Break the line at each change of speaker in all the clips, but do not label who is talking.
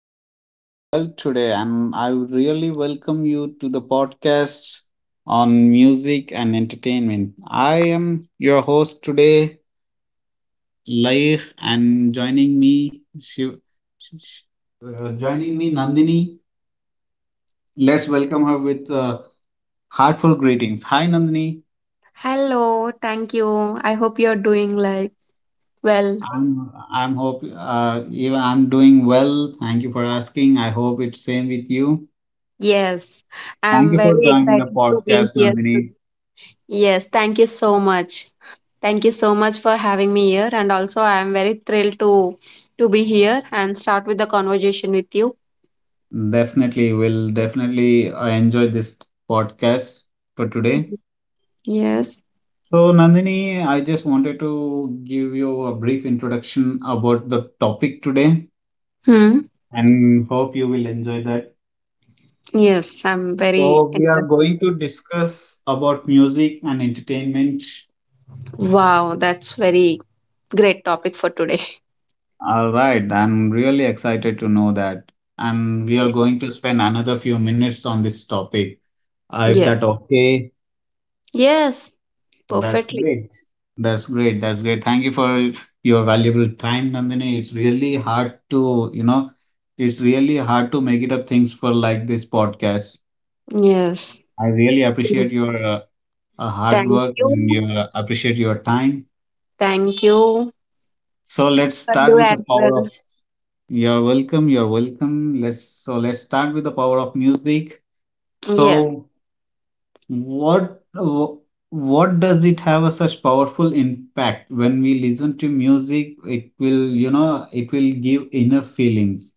you're all doing well today. And I would really welcome you to the podcast on music and entertainment. I am your host today, Laih, and joining me, Shiv, Sh- Sh- joining me, Nandini. Let's welcome her with heartfelt greetings. Hi, Nandini.
Hello, thank you. I hope you're doing like well.
I'm hope even I'm doing well. Thank you for asking. I hope it's same with you.
Yes,
Thank
I'm
you for
very
joining the
excited to be
podcast,
here
Nandini.
today. Yes, thank you so much. Thank you so much for having me here, and also I'm very thrilled to be here and start with the conversation with you.
Definitely, will definitely I enjoyed this podcast for today.
Mhm. Yes.
So, Nandini, I just wanted to give you a brief introduction about the topic today
Hmm.
and hope you will enjoy that.
Yes, I'm
So,
very
we are going to
interested.
discuss about music and entertainment.
Wow, that's very great topic for today.
All right, I'm really excited to know that. And we are going to spend another few minutes on this topic. If
Yes.
that okay?
Yes,
That's
perfectly.
great. That's great. That's great. Thank you for your valuable time, Nandini. It's really hard to, it's really hard to make it up things for like this podcast.
Yes.
I really
Mm.
appreciate your hard
Thank
work and
you.
your appreciate your time.
Thank you.
So let's
For
start
you
with
as
the
well.
power of. You're welcome. You're welcome. Let's start with the power of music.
Yes,
So What wh- what does it have a such powerful impact when we listen to music? It will, you know, it will give inner feelings.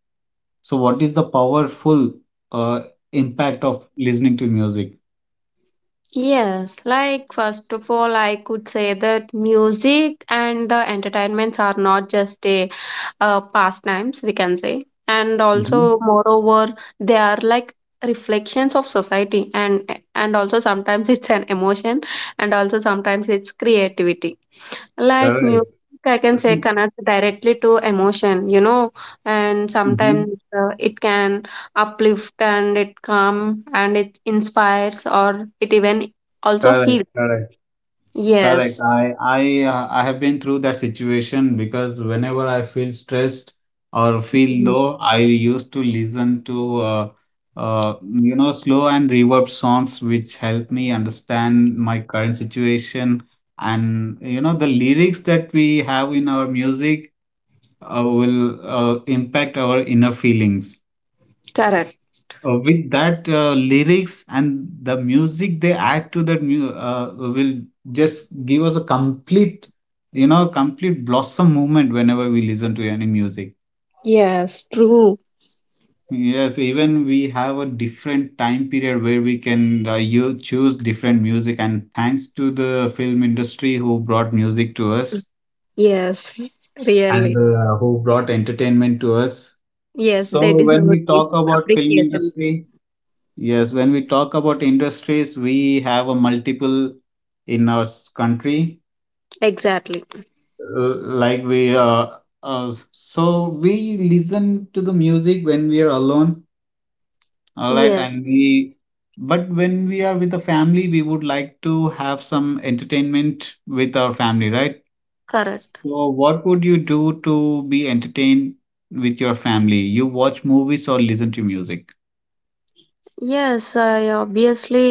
So, what is the powerful uh, impact of listening to music?
yes. Like, first of all, I could say that music and the entertainments are not just a pastimes, we can say. And
Mm-hmm.
also, moreover, they are like reflections of society and also sometimes it's an emotion and also sometimes it's creativity. Like music,
Correct.
I can say, connects directly to emotion, you know, and
Mm-hmm.
sometimes it can uplift and it calm and it inspires or it even also
Correct.
heals.
Correct. Correct.
Yes.
I have been through that situation because whenever I feel stressed or feel
Mm,
low, I used to listen to uh, you know slow and reverb songs which help me understand my current situation and you know the lyrics that we have in our music will impact our inner feelings
correct.
with that lyrics and the music they add to that will just give us a complete you know complete blossom moment whenever we listen to any music.
Yes, true.
Yes, even we have a different time period where we can you choose different music, and thanks to the film industry who brought music to us
Yes,
and
really.
who brought entertainment to us.
Yes, they
So when
deserve
we
this
talk about film
appreciation.
industry, yes, when we talk about industries, we have a multiple in our country.
Exactly.
Like we, so we listen to the music when we are alone, all right,
Yes,
and we. But when we are with the family, we would like to have some entertainment with our family, right?
correct.
So, what would you do to be entertained with your family? You watch movies or listen to music?
Yes, I obviously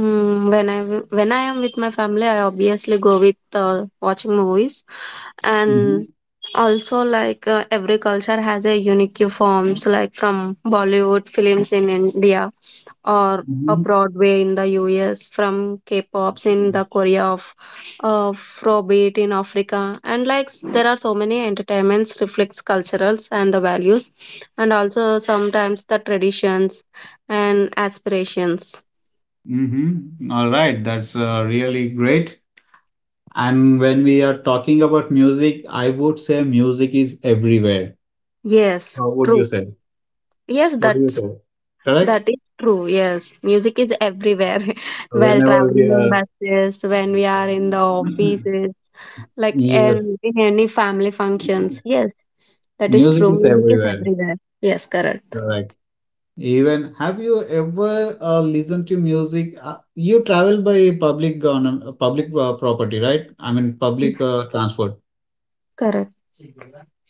when when I am with my family, I obviously go with watching movies, and
Hmm.
also like every culture has a unique forms, like from Bollywood films in India or a
Hmm.
Broadway in the US, from K-pops in the Korea of Afrobeat in Africa, and like there are so many entertainments reflects culturals and the values, and also sometimes the traditions and aspirations.
Mm-hmm. All right, that's really great. And when we are talking about music, I would say music is everywhere.
Yes,
How would you
true.
say?
Yes,
What do you
that's
say? Correct?
that is true. Yes, music is everywhere. While
Whenever we
traveling in
are.
buses, when we are in the offices, like
Yes,
in any family functions. Yes, that is
music
true.
is
Music is
everywhere.
everywhere. Yes, correct.
Correct. Even have you ever listened to music? You travel by public government, public property, right? I mean, public transport.
Correct.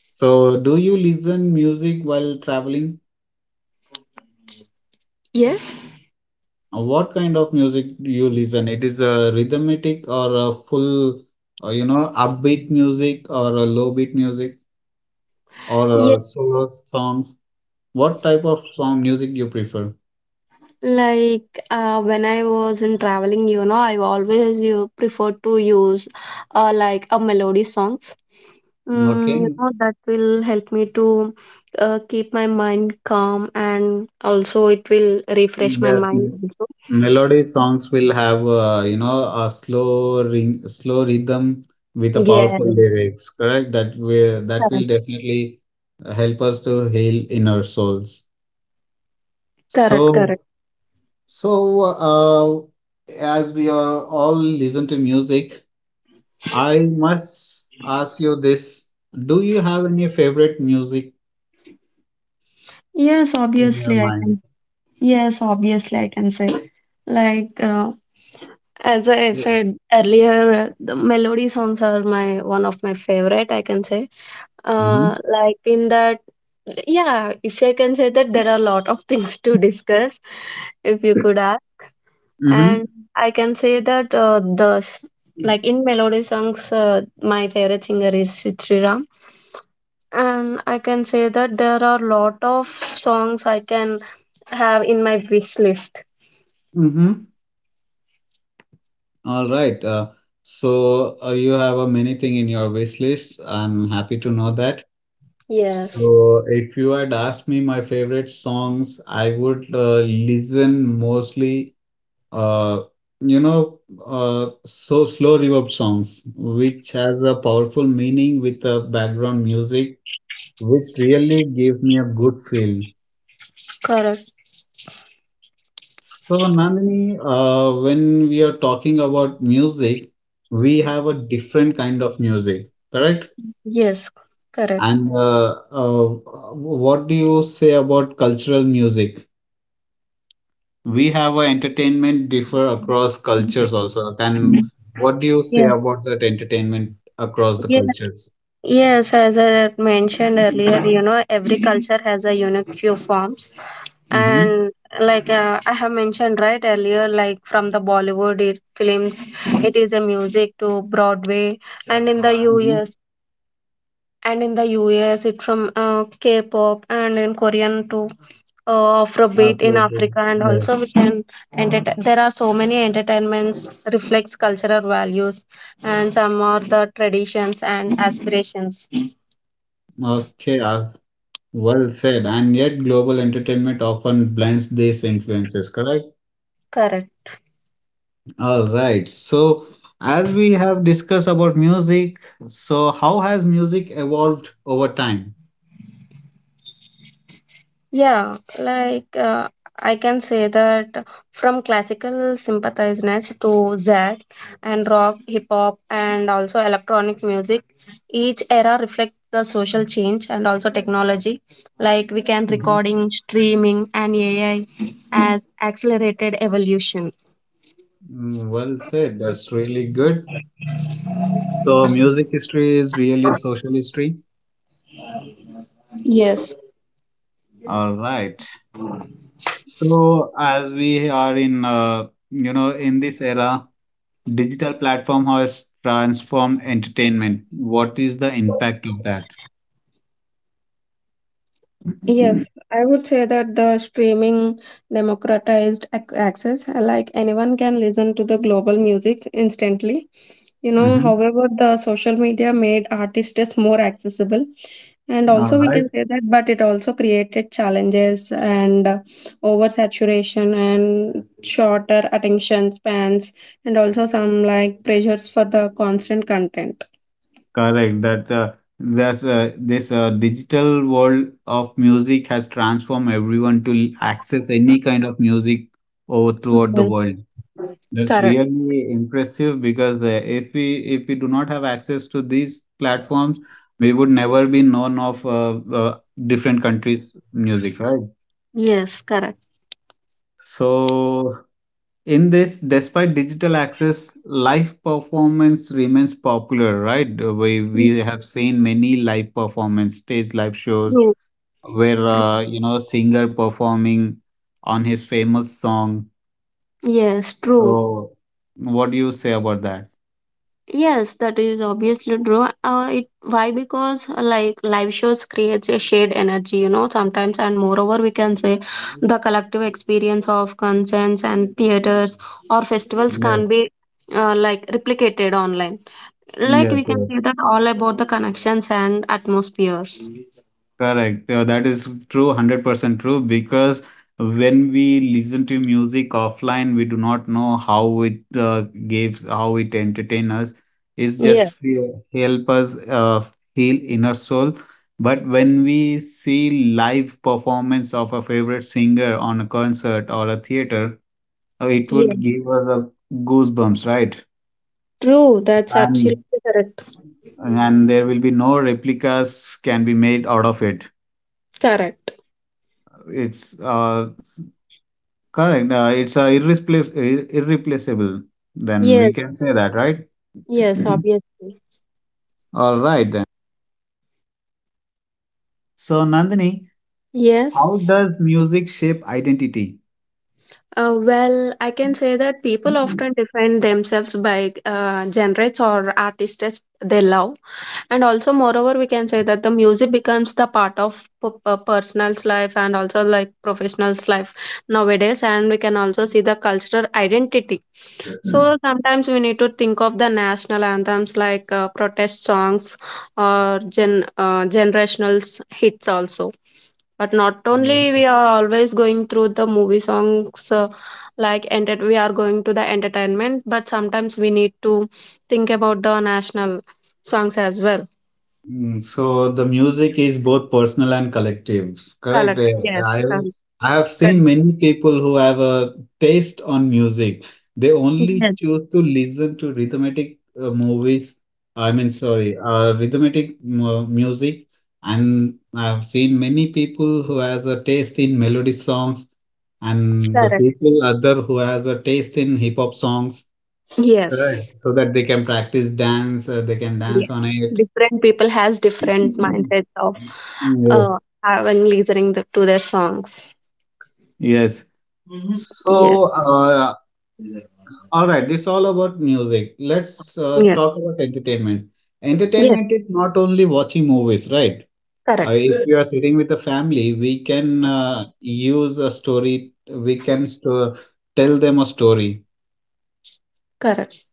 So, do you listen music while traveling?
Yes.
What kind of music do you listen? It is a rhythmic or a full, upbeat music or a low beat music or solo songs. What type of song music you prefer?
Like when I was in traveling, you know, I always you prefer to use like a melody songs. Mm, you
Okay,
know, that will help me to keep my mind calm and also it will refresh my
yes,
mind
m-
also.
melody songs will have a slow ring, slow rhythm with a
Yeah,
powerful lyrics. Correct? That will
correct,
definitely help us to heal inner souls.
correct,
So
correct.
so, as we are all listen to music, I must ask you this: Do you have any favorite music
Yes,
in your
obviously I
mind?
can. Yes, obviously I can say like as I said earlier, the melody songs are my one of my favorite, I can say.
Mm-hmm.
Like in that, yeah, if I can say that there are a lot of things to discuss, if you could ask.
Mm-hmm.
And I can say that like in melody songs, my favorite singer is Sriram, and I can say that there are lot of songs I can have in my wish list.
Mm-hmm. All right. You have a many thing in your wish list. I'm happy to know that.
Yes,
So if you had asked me my favorite songs, I would listen mostly Uh, you know, slow reverb songs, which has a powerful meaning with the background music, which really gave me a good feel.
correct.
So, Nandini, when we are talking about music, we have a different kind of music, correct?
Yes, correct.
And what do you say about cultural music? We have a entertainment differ across cultures also. Then what do you say
Yeah,
about that entertainment across the
yeah,
cultures?
yes. As I had mentioned earlier, you know, every Mhm. culture has a unique few forms
Mm-hmm.
and like I have mentioned right earlier like from the Bollywood it, films, it is a music to Broadway and in the
Mm-hmm.
US and in the US it from K-pop and in Korean to Afrobeat in Africa,
Afrobeats.
and
Yeah.
also we can entertain there are so many entertainments reflects cultural values and some are the traditions and aspirations.
Okay. Well said. And yet, global entertainment often blends these influences. Correct.
Correct.
All right. So, as we have discussed about music, so how has music evolved over time?
Yeah, like I can say that from classical sympathizers to jazz and rock, hip hop, and also electronic music, each era reflects the social change and also technology. Like we can
Mhm.
recording, streaming, and AI as accelerated evolution.
Mm, well said. That's really good. So, music history is really a social history.
Yes.
All right. So, as we are in, in this era, digital platform has transformed entertainment. What is the impact of that?
Yes, I would say that the streaming democratized access, like anyone can listen to the global music instantly. You know,
Mm-hmm.
however, the social media made artists more accessible, and
All
also we
right.
can say that, but it also created challenges and oversaturation and shorter attention spans, and also some like pressures for the constant content.
Correct. That that's this digital world of music has transformed everyone to access any kind of music over throughout the
Mhm.
world. That's
Correct.
really impressive because if we do not have access to these platforms, we would never be known of different countries' music, right?
Yes, correct.
So in this, despite digital access, live performance remains popular, right? We
Mm,
we have seen many live performance, stage live shows
true,
where
true.
singer performing on his famous song.
Yes, true.
So what do you say about that?
Yes, that is obviously true. It, why? Because like live shows creates a shared energy, you know, sometimes, and moreover, we can say the collective experience of concerts and theaters or festivals can
Yes,
be like replicated online. Like we can
yes.
say that all about the connections and atmospheres.
Correct. That is true, 100% true, because when we listen to music offline, we do not know how it gives, how it entertain us. It's
Yeah,
just help us heal inner soul. But when we see live performance of a favorite singer on a concert or a theater, it
yeah,
would give us a goosebumps, right?
true. That's
And
absolutely correct.
and there will be no replicas can be made out of it.
Correct.
It's uh. Correct. It's irreplaceable. Then we
Yes,
can say that, right?
yes, obviously.
All right, then. So, Nandini, how
Yes.
does music shape identity?
Well, I can say that people often define themselves by genres or artists they love. And also, moreover, we can say that the music becomes the part of personal's life and also like professional's life nowadays. And we can also see the cultural identity. So sometimes we need to think of the national anthems like protest songs or generational hits also. But not only we are always going through the movie songs like enter we are going to the entertainment, but sometimes we need to think about the national songs as well.
Mm, so the music is both personal and collective, correct?
Correct.
Eh,
Yes.
I
Correct.
I have
Correct.
seen many people who have a taste on music. They only
Yes.
choose to listen to rhythmic movies. I mean, sorry, music. And I've seen many people who has a taste in melody songs, and the
Correct.
people other who has a taste in hip hop songs,
Yes.
correct? So that they can practice dance, they can
Yes.
dance on it.
Different people has different mindsets of
Yes.
having listening to their songs.
Yes. So,
Yes.
all right, this all about music. Let's
Yes.
talk about entertainment.
Yes.
Entertainment is not only watching movies, right?
Correct.
If you are sitting with the family, we can use a story, we can sto- tell them a story.
Correct.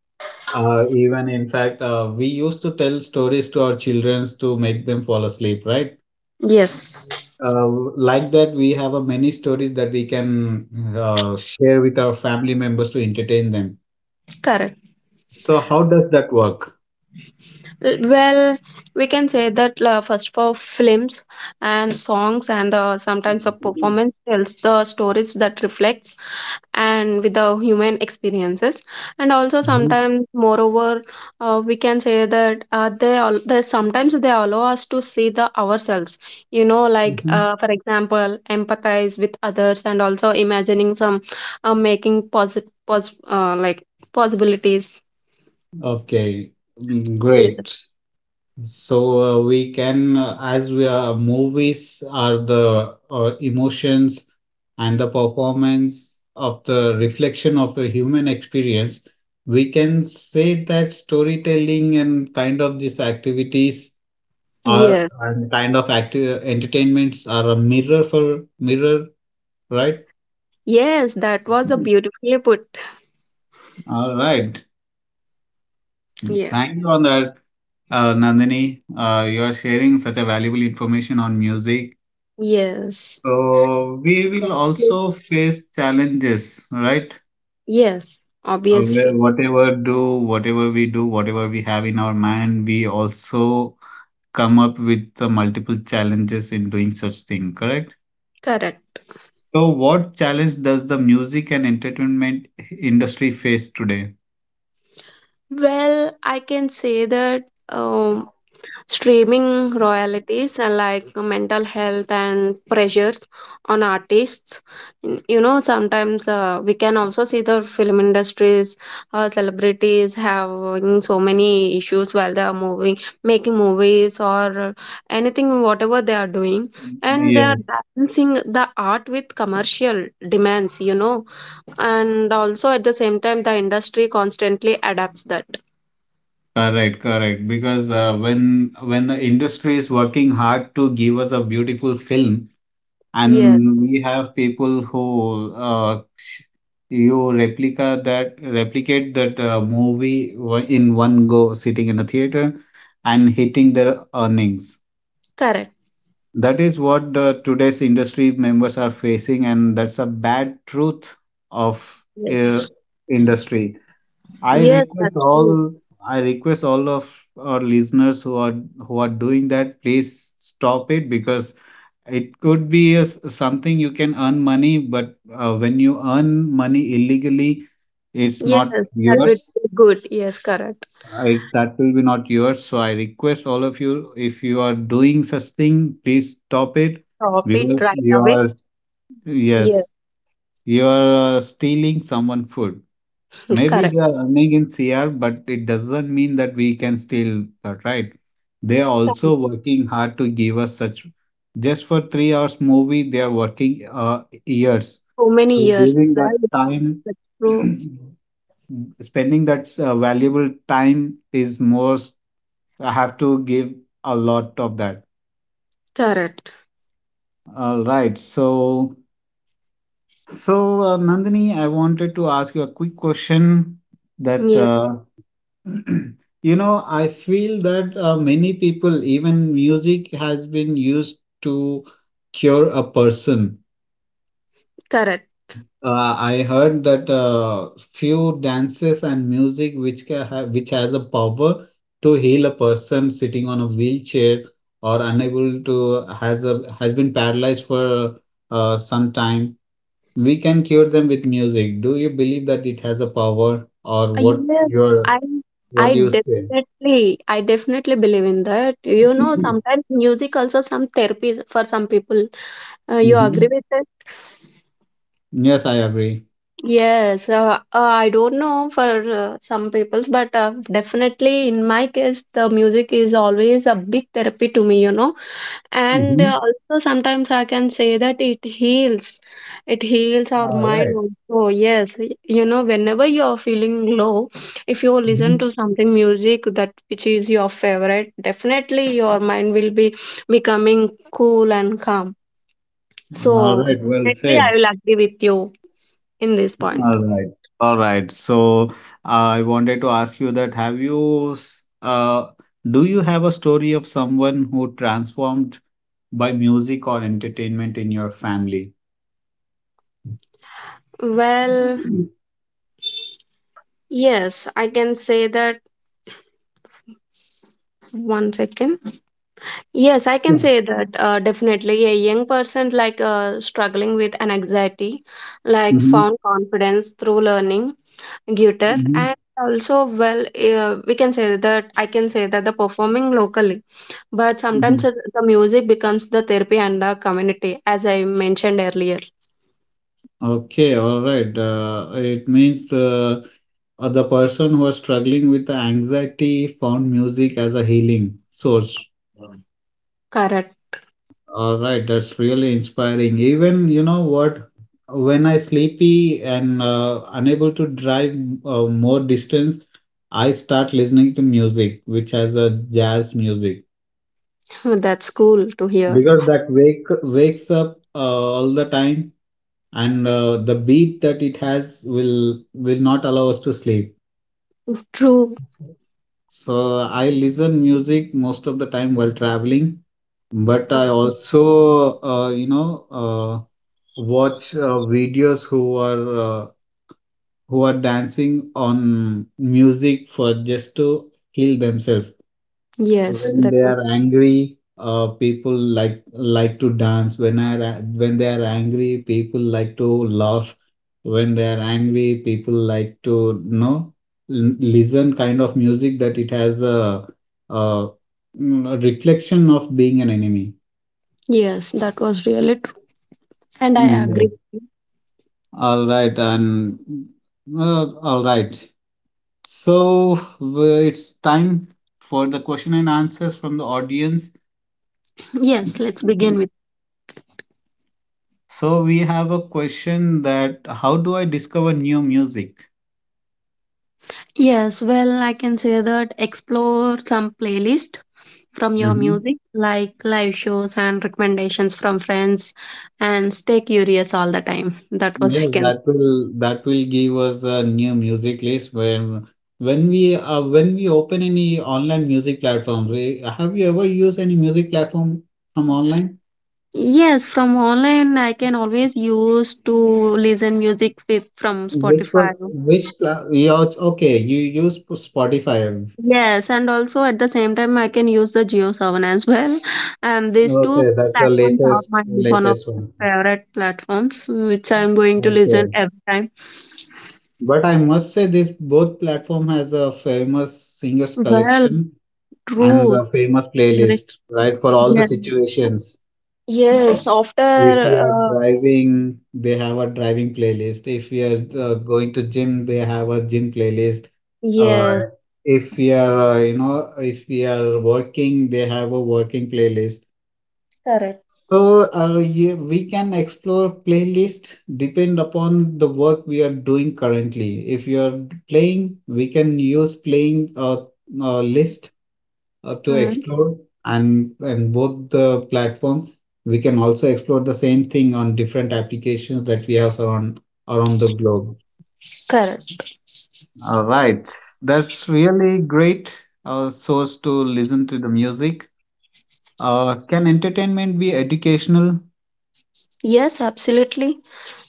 Even in fact, we used to tell stories to our children to make them fall asleep, right?
Yes.
Uh, like that, we have a many stories that we can share with our family members to entertain them.
Correct.
So how does that work?
L- Well, we can say that first for films and songs and sometimes a performance tells the stories that reflects and with the human experiences and also
Mhm,
sometimes moreover we can say that they sometimes they allow us to see the ourselves, you know, like
mhm.
for example empathize with others and also imagining some like possibilities,
Okay, mm,
yeah.
great. So as we are, movies are the emotions and the performance of the reflection of a human experience, we can say that storytelling and kind of these activities are
Yes.
and kind of active entertainments are a mirror for mirror, right?
Yes, that was a beautifully put.
All right.
Yeah.
Thank you on that. Nandini, you are sharing such a valuable information on music.
Yes.
So we will
Thank you.
also face challenges, right?
Yes, obviously.
Whatever we do, whatever we have in our mind, we also come up with the multiple challenges in doing such thing, correct?
Correct.
So what challenge does the music and entertainment industry face today?
Well, I can say that streaming royalties and like mental health and pressures on artists. N- You know, sometimes we can also see the film industries, celebrities having so many issues while they are moving, making movies or anything, whatever they are doing. And they are
Yes.
balancing the art with commercial demands, you know. And also at the same time, the industry constantly adapts that.
Correct, correct. Because when the industry is working hard to give us a beautiful film,
Yeah,
and we have people who you replicate that movie in one go sitting in a theater and hitting their earnings,
correct.
that is what the today's industry members are facing, and that's a bad truth of uh,
Yes.
industry. i
Yes,
request
that's
all
true.
I request all of our listeners who are doing that, please stop it because it could be a something you can earn money, but when you earn money illegally, it's
Yes,
not
that would
yours.
be good. Yes, correct.
That will be not yours. So I request all of you, if you are doing such thing, please stop it
Stop it
because
right
you
away.
are,
Yes,
yes, you are stealing someone food. Maybe
correct.
they are earning in CR, but it doesn't mean that we can still that, right? They are also working hard to give us such. Just for 3 hours movie, they are working years.
So many
So
years,
giving that
right?
time,
That's true.
spending that valuable time is most. I have to give a lot of that.
Correct.
All right. So, so Nandini, I wanted to ask you a quick question that
Yes,
you know, I feel that many people, even music, has been used to cure a person.
correct.
I heard that few dances and music which can have, which has a power to heal a person sitting on a wheelchair or unable to has been paralyzed for some time. We can cure them with music. Do you believe that it has a power, or what
Yes,
your
I
what
I
do you say?
definitely, I definitely believe in that. You know, sometimes music also some therapy for some people. You agree
Mhm.
with that?
Yes, I agree.
Yes, I don't know for some peoples, but definitely in my case, the music is always a big therapy to me, you know. And
Mm-hmm.
also sometimes I can say that it heals. It heals our
All
mind
right.
also. Yes, y- you know, whenever you are feeling low, if you listen
Mhm.
to something music that which is your favorite, definitely your mind will be becoming cool and calm.
All
So
right, well
definitely I
said.
will agree with you in this point.
All right. All right. So I wanted to ask you that have you, do you have a story of someone who transformed by music or entertainment in your family?
Well, yes, I can say that one second. Yes, I can
Sure.
say that definitely a young person like struggling with an anxiety, like
Mm-hmm.
found confidence through learning guitar
Mm-hmm.
and also well we can say that I can say that the performing locally, but
Mm-hmm.
sometimes the music becomes the therapy and the community as I mentioned earlier.
Okay, all right. It means the person who was struggling with the anxiety found music as a healing source.
Mm. Correct.
All right, that's really inspiring. Even, you know what, when I sleepy and unable to drive more distance, I start listening to music, which has a jazz music,
That's cool to hear.
because that wakes up all the time, and the beat that it has will not allow us to sleep.
True.
So I listen music most of the time while traveling, but I also, uh, watch videos who are dancing on music for just to heal themselves
Yes,
when
that
they
was
are angry people like to dance when they are angry people like to laugh when they are angry people like to listen kind of music that it has a reflection of being an enemy.
yes, that was really true, and I
Mm,
agree.
yes, all right, and all right. So it's time for the question and answers from the audience.
Yes, let's begin with.
So we have a question that how do I discover new music?
Yes, well, I can say that explore some playlist from your
Hmm.
music, like live shows and recommendations from friends, and stay curious all the time. That was I
Yes,
can.
that will give us a new music list when when we open any online music platform. Have you ever used any music platform from online?
Yes, from online, I can always use to listen music with from
Which one?
Spotify.
Yeah, okay, you use Spotify.
Yes, and also at the same time, I can use the Geo Seven as well, and these two
Okay, that's the
platforms are
latest
my one of my
one.
favorite platforms, which I'm going to listen
Okay.
every time.
But I must say this both platform has a famous singers
Well,
collection and
true.
a famous
Re-
playlist, right? For all the
Yeah.
situations.
Yes, after
If we are driving, they have a driving playlist. If we are going to gym, they have a gym playlist.
yes,
Uh, if we are, if we are working, they have a working playlist.
correct.
So yeah, we can explore playlist depend upon the work we are doing currently. If you are playing, we can use playing list to
Mm.
explore and both the platform. We can also explore the same thing on different applications that we have around the globe.
Correct.
All right, that's really great source to listen to the music. Can entertainment be educational?
Yes, absolutely.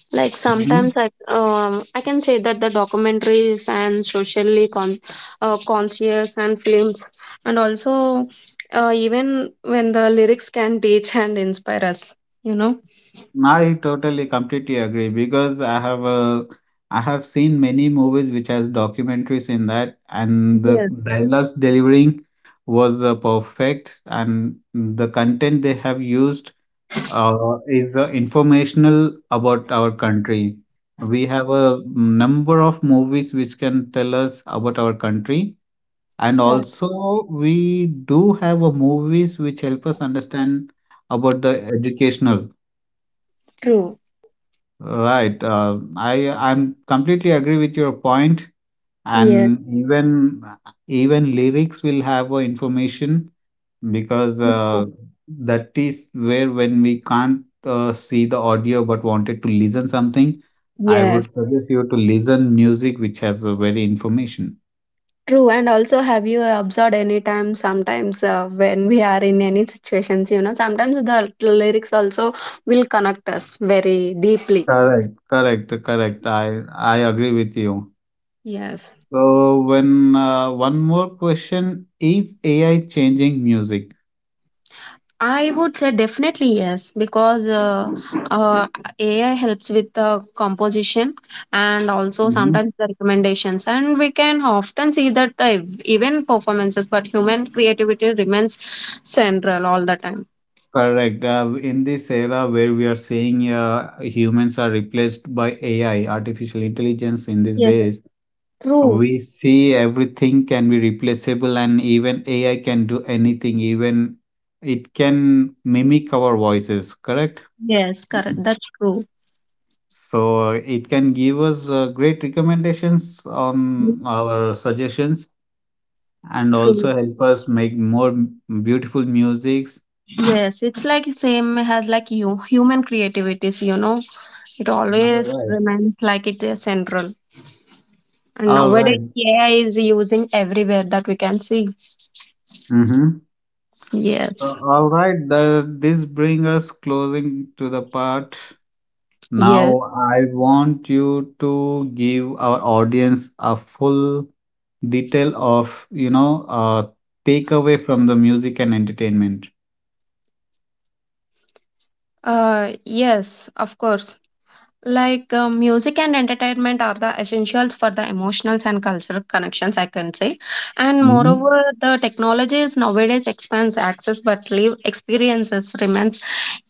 Like sometimes I can say that the documentaries and socially con conscious and films and also even when the lyrics can teach and inspire us, you know.
I totally completely agree because I have seen many movies which has documentaries in that and the
Yes.
dialogues delivering was perfect and the content they have used is informational about our country. We have a number of movies which can tell us about our country, and
Correct.
also we do have a movies which help us understand about the educational.
True.
Right. I'm completely agree with your point,
Yeah.
and even lyrics will have information because that is where when we can't see the audio but wanted to listen something, I
Yes.
would suggest you to listen music which has a very information.
True, and also have you observed any time sometimes when we are in any situations, you know, sometimes the lyrics also will connect us very deeply.
Correct. Correct. Correct. I agree with you.
Yes,
So when one more question is AI changing music?
I would say definitely yes because uh, AI helps with the composition and also sometimes the recommendations, and we can often see that even performances, but human creativity remains central all the time.
Correct. In this era where we are seeing humans are replaced by AI, artificial intelligence in these
Yes,
days,
true.
we see everything can be replaceable and even AI can do anything, even it can mimic our voices, correct?
Yes, correct. That's true.
So it can give us great recommendations on our suggestions and
True.
also help us make more beautiful musics.
Yes, it's like same as like you human creativities, you know. It
All
always
right.
remains like it is central. And
All
nowadays
right.
AI is using everywhere that we can see.
Mm-hmm. So,
Yes.
all right, this brings us closing to the part.
Yes.
Now, I want you to give our audience a full detail of, you know, takeaway from the music and entertainment.
Uh, yes, of course. Like music and entertainment are the essentials for the emotional and cultural connections, I can say. And
Mm-hmm.
moreover, the technologies nowadays expands access, but live experiences remains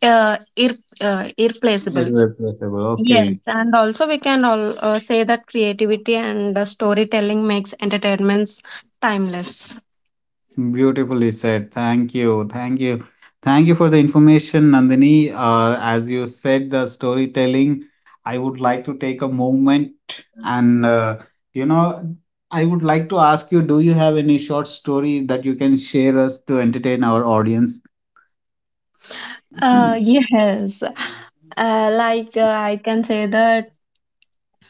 irreplaceable.
Irreplaceable.
Yes,
Okay.
and also we can all, say that creativity and storytelling makes entertainments timeless.
Beautifully said. Thank you. Thank you. Thank you for the information, Nandini. As you said, the storytelling, I would like to take a moment and, you know, I would like to ask you, do you have any short story that you can share us to entertain our audience?
Yes, like I can say that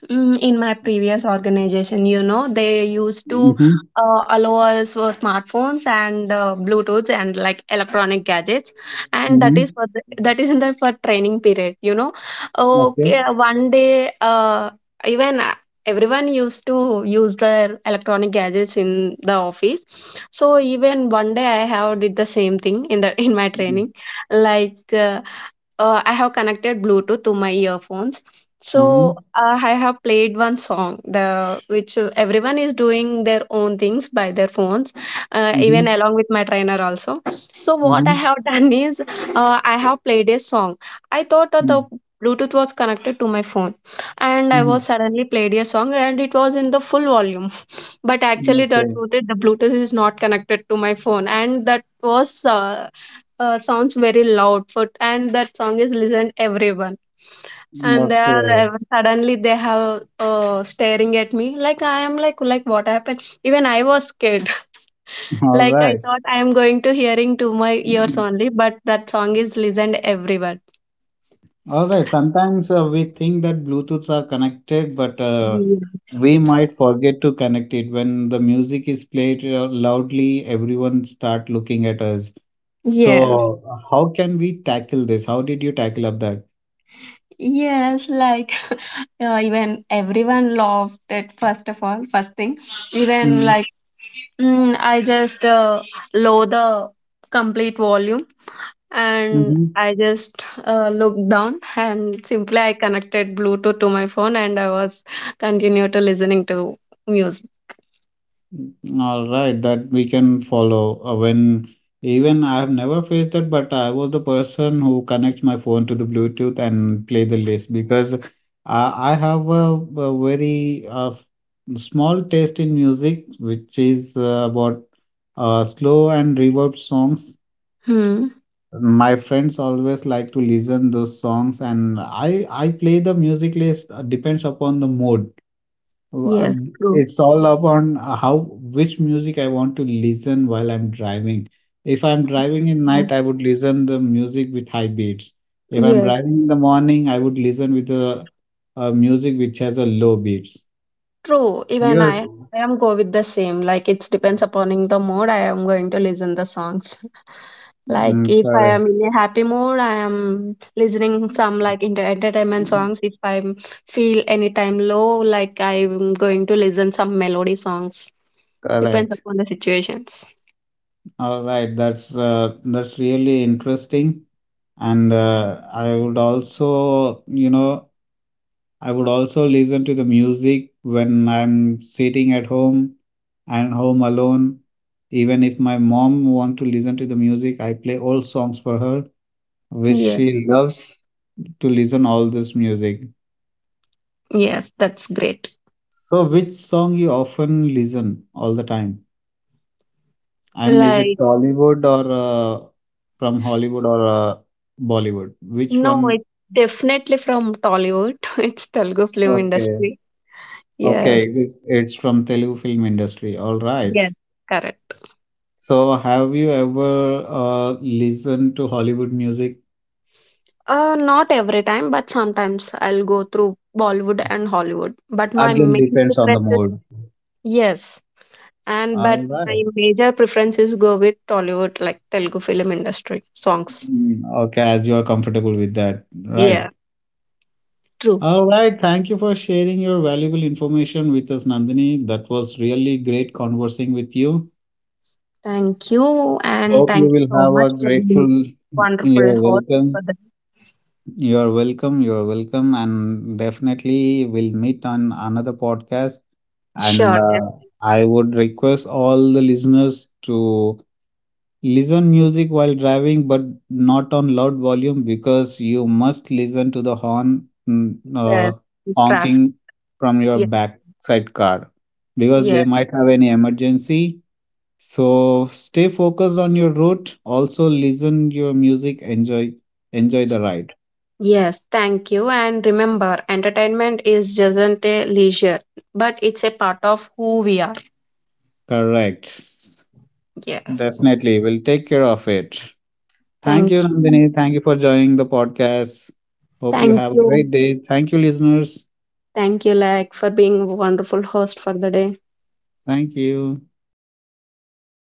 mm, in my previous organization, you know, they used to
Mm-hmm.
allow us for smartphones and Bluetooths and like electronic gadgets, and that is
Mm-hmm.
for the, that is in the for training period. You know, okay,
Okay.
one day, even everyone used to use their electronic gadgets in the office. So even one day, I have did the same thing in the in my
Mm-hmm.
training, like. I have connected Bluetooth to my earphones. So
Mm-hmm.
I have played one song, the which everyone is doing their own things by their phones, even along with my trainer also. So what I
Mm-hmm.
have done is I have played a song. I thought the Bluetooth was connected to my phone, and I
Mm-hmm.
was suddenly played a song, and it was in the full volume. But actually, the
Okay.
truth is the Bluetooth is not connected to my phone, and that was. Sounds very loud Foot and that song is listened everyone, and they are
Okay.
ev- suddenly they have staring at me like I am like what happened, even I was scared.
All
Like I
right.
thought I am going to hearing to my ears only, but that song is listened everywhere.
All right. Sometimes we think that Bluetooths are connected, but
Yeah,
we might forget to connect it. When the music is played loudly, everyone start looking at us.
yeah,
So, how can we tackle this? How did you tackle up that?
yes. Like even everyone loved it, first of all, first thing, even
Mm-hmm.
like mm, I just low the complete volume, and I just looked down and simply I connected Bluetooth to my phone, and I was continue to listening to music.
All right, that we can follow. When even I have never faced that, but I was the person who connects my phone to the Bluetooth and play the list because I have a very small taste in music, which is about slow and reverb songs.
Hmm.
My friends always like to listen those songs, and I play the music list depends upon the mood uh,
Yes. True.
It's all upon how which music I want to listen while I'm driving. If I'm driving in
Mhm.
night, I would listen the music with high beats. If I'm
Yes.
driving in the morning, I would listen with a music which has a low beats.
True, even
Because
I I am go with the same. Like it depends upon in the mood I am going to listen the songs.
mm,
Like if I
correct,
am in a happy mood, I am listening some like inter entertainment songs. If I feel anytime low, like I'm going to listen some melody songs. Depends
correct.
upon the situations.
All right, that's really interesting, and I would also listen to the music when I'm sitting at home and home alone. Even if my mom want to listen to the music, I play old songs for her, which
Yeah.
she loves to listen all this music.
Yes, that's great.
So, which song you often listen all the time? I mean, is it
Like
Tollywood or from Hollywood or Bollywood? Which
no,
one?
it's definitely from Tollywood. It's Telugu film
Okay,
industry.
okay,
Yes.
it's from Telugu film industry. All right.
Yes. Correct.
So, have you ever listened to Hollywood music?
Not every time, but sometimes I'll go through Bollywood and Hollywood. But my
Again,
main
depends on the
preference is
mood.
yes, and
All
but
right.
my major preference is go with Tollywood, like Telugu film industry songs.
Mm, okay, as you are comfortable with that, right?
Yeah, true.
All right. Thank you for sharing your valuable information with us, Nandini. That was really great conversing with you.
Thank you, and
Hope you
thank you
will
so
have
much
a
for the
grateful.
wonderful
You're
host for
welcome.
the
You're welcome. You're welcome. And definitely we'll meet on another podcast. And
sure yes,
I would request all the listeners to listen music while driving, but not on loud volume because you must listen to the horn
yes, traffic.
honking from your
Yeah,
backside car because they
yeah,
might have any emergency. So stay focused on your route. Also listen your music. Enjoy the ride.
yes. Thank you, and remember, entertainment is just a leisure, but it's a part of who we are.
Correct.
Yes.
Definitely. We'll take care of it. Thank you,
Thank you.
Nandini. Thank you for joining the podcast. Hope you
Thank
have a great
you.
day. Thank you, listeners.
Thank you, Lak, for being a wonderful host for the day.
Thank you.
Thank you. Bye.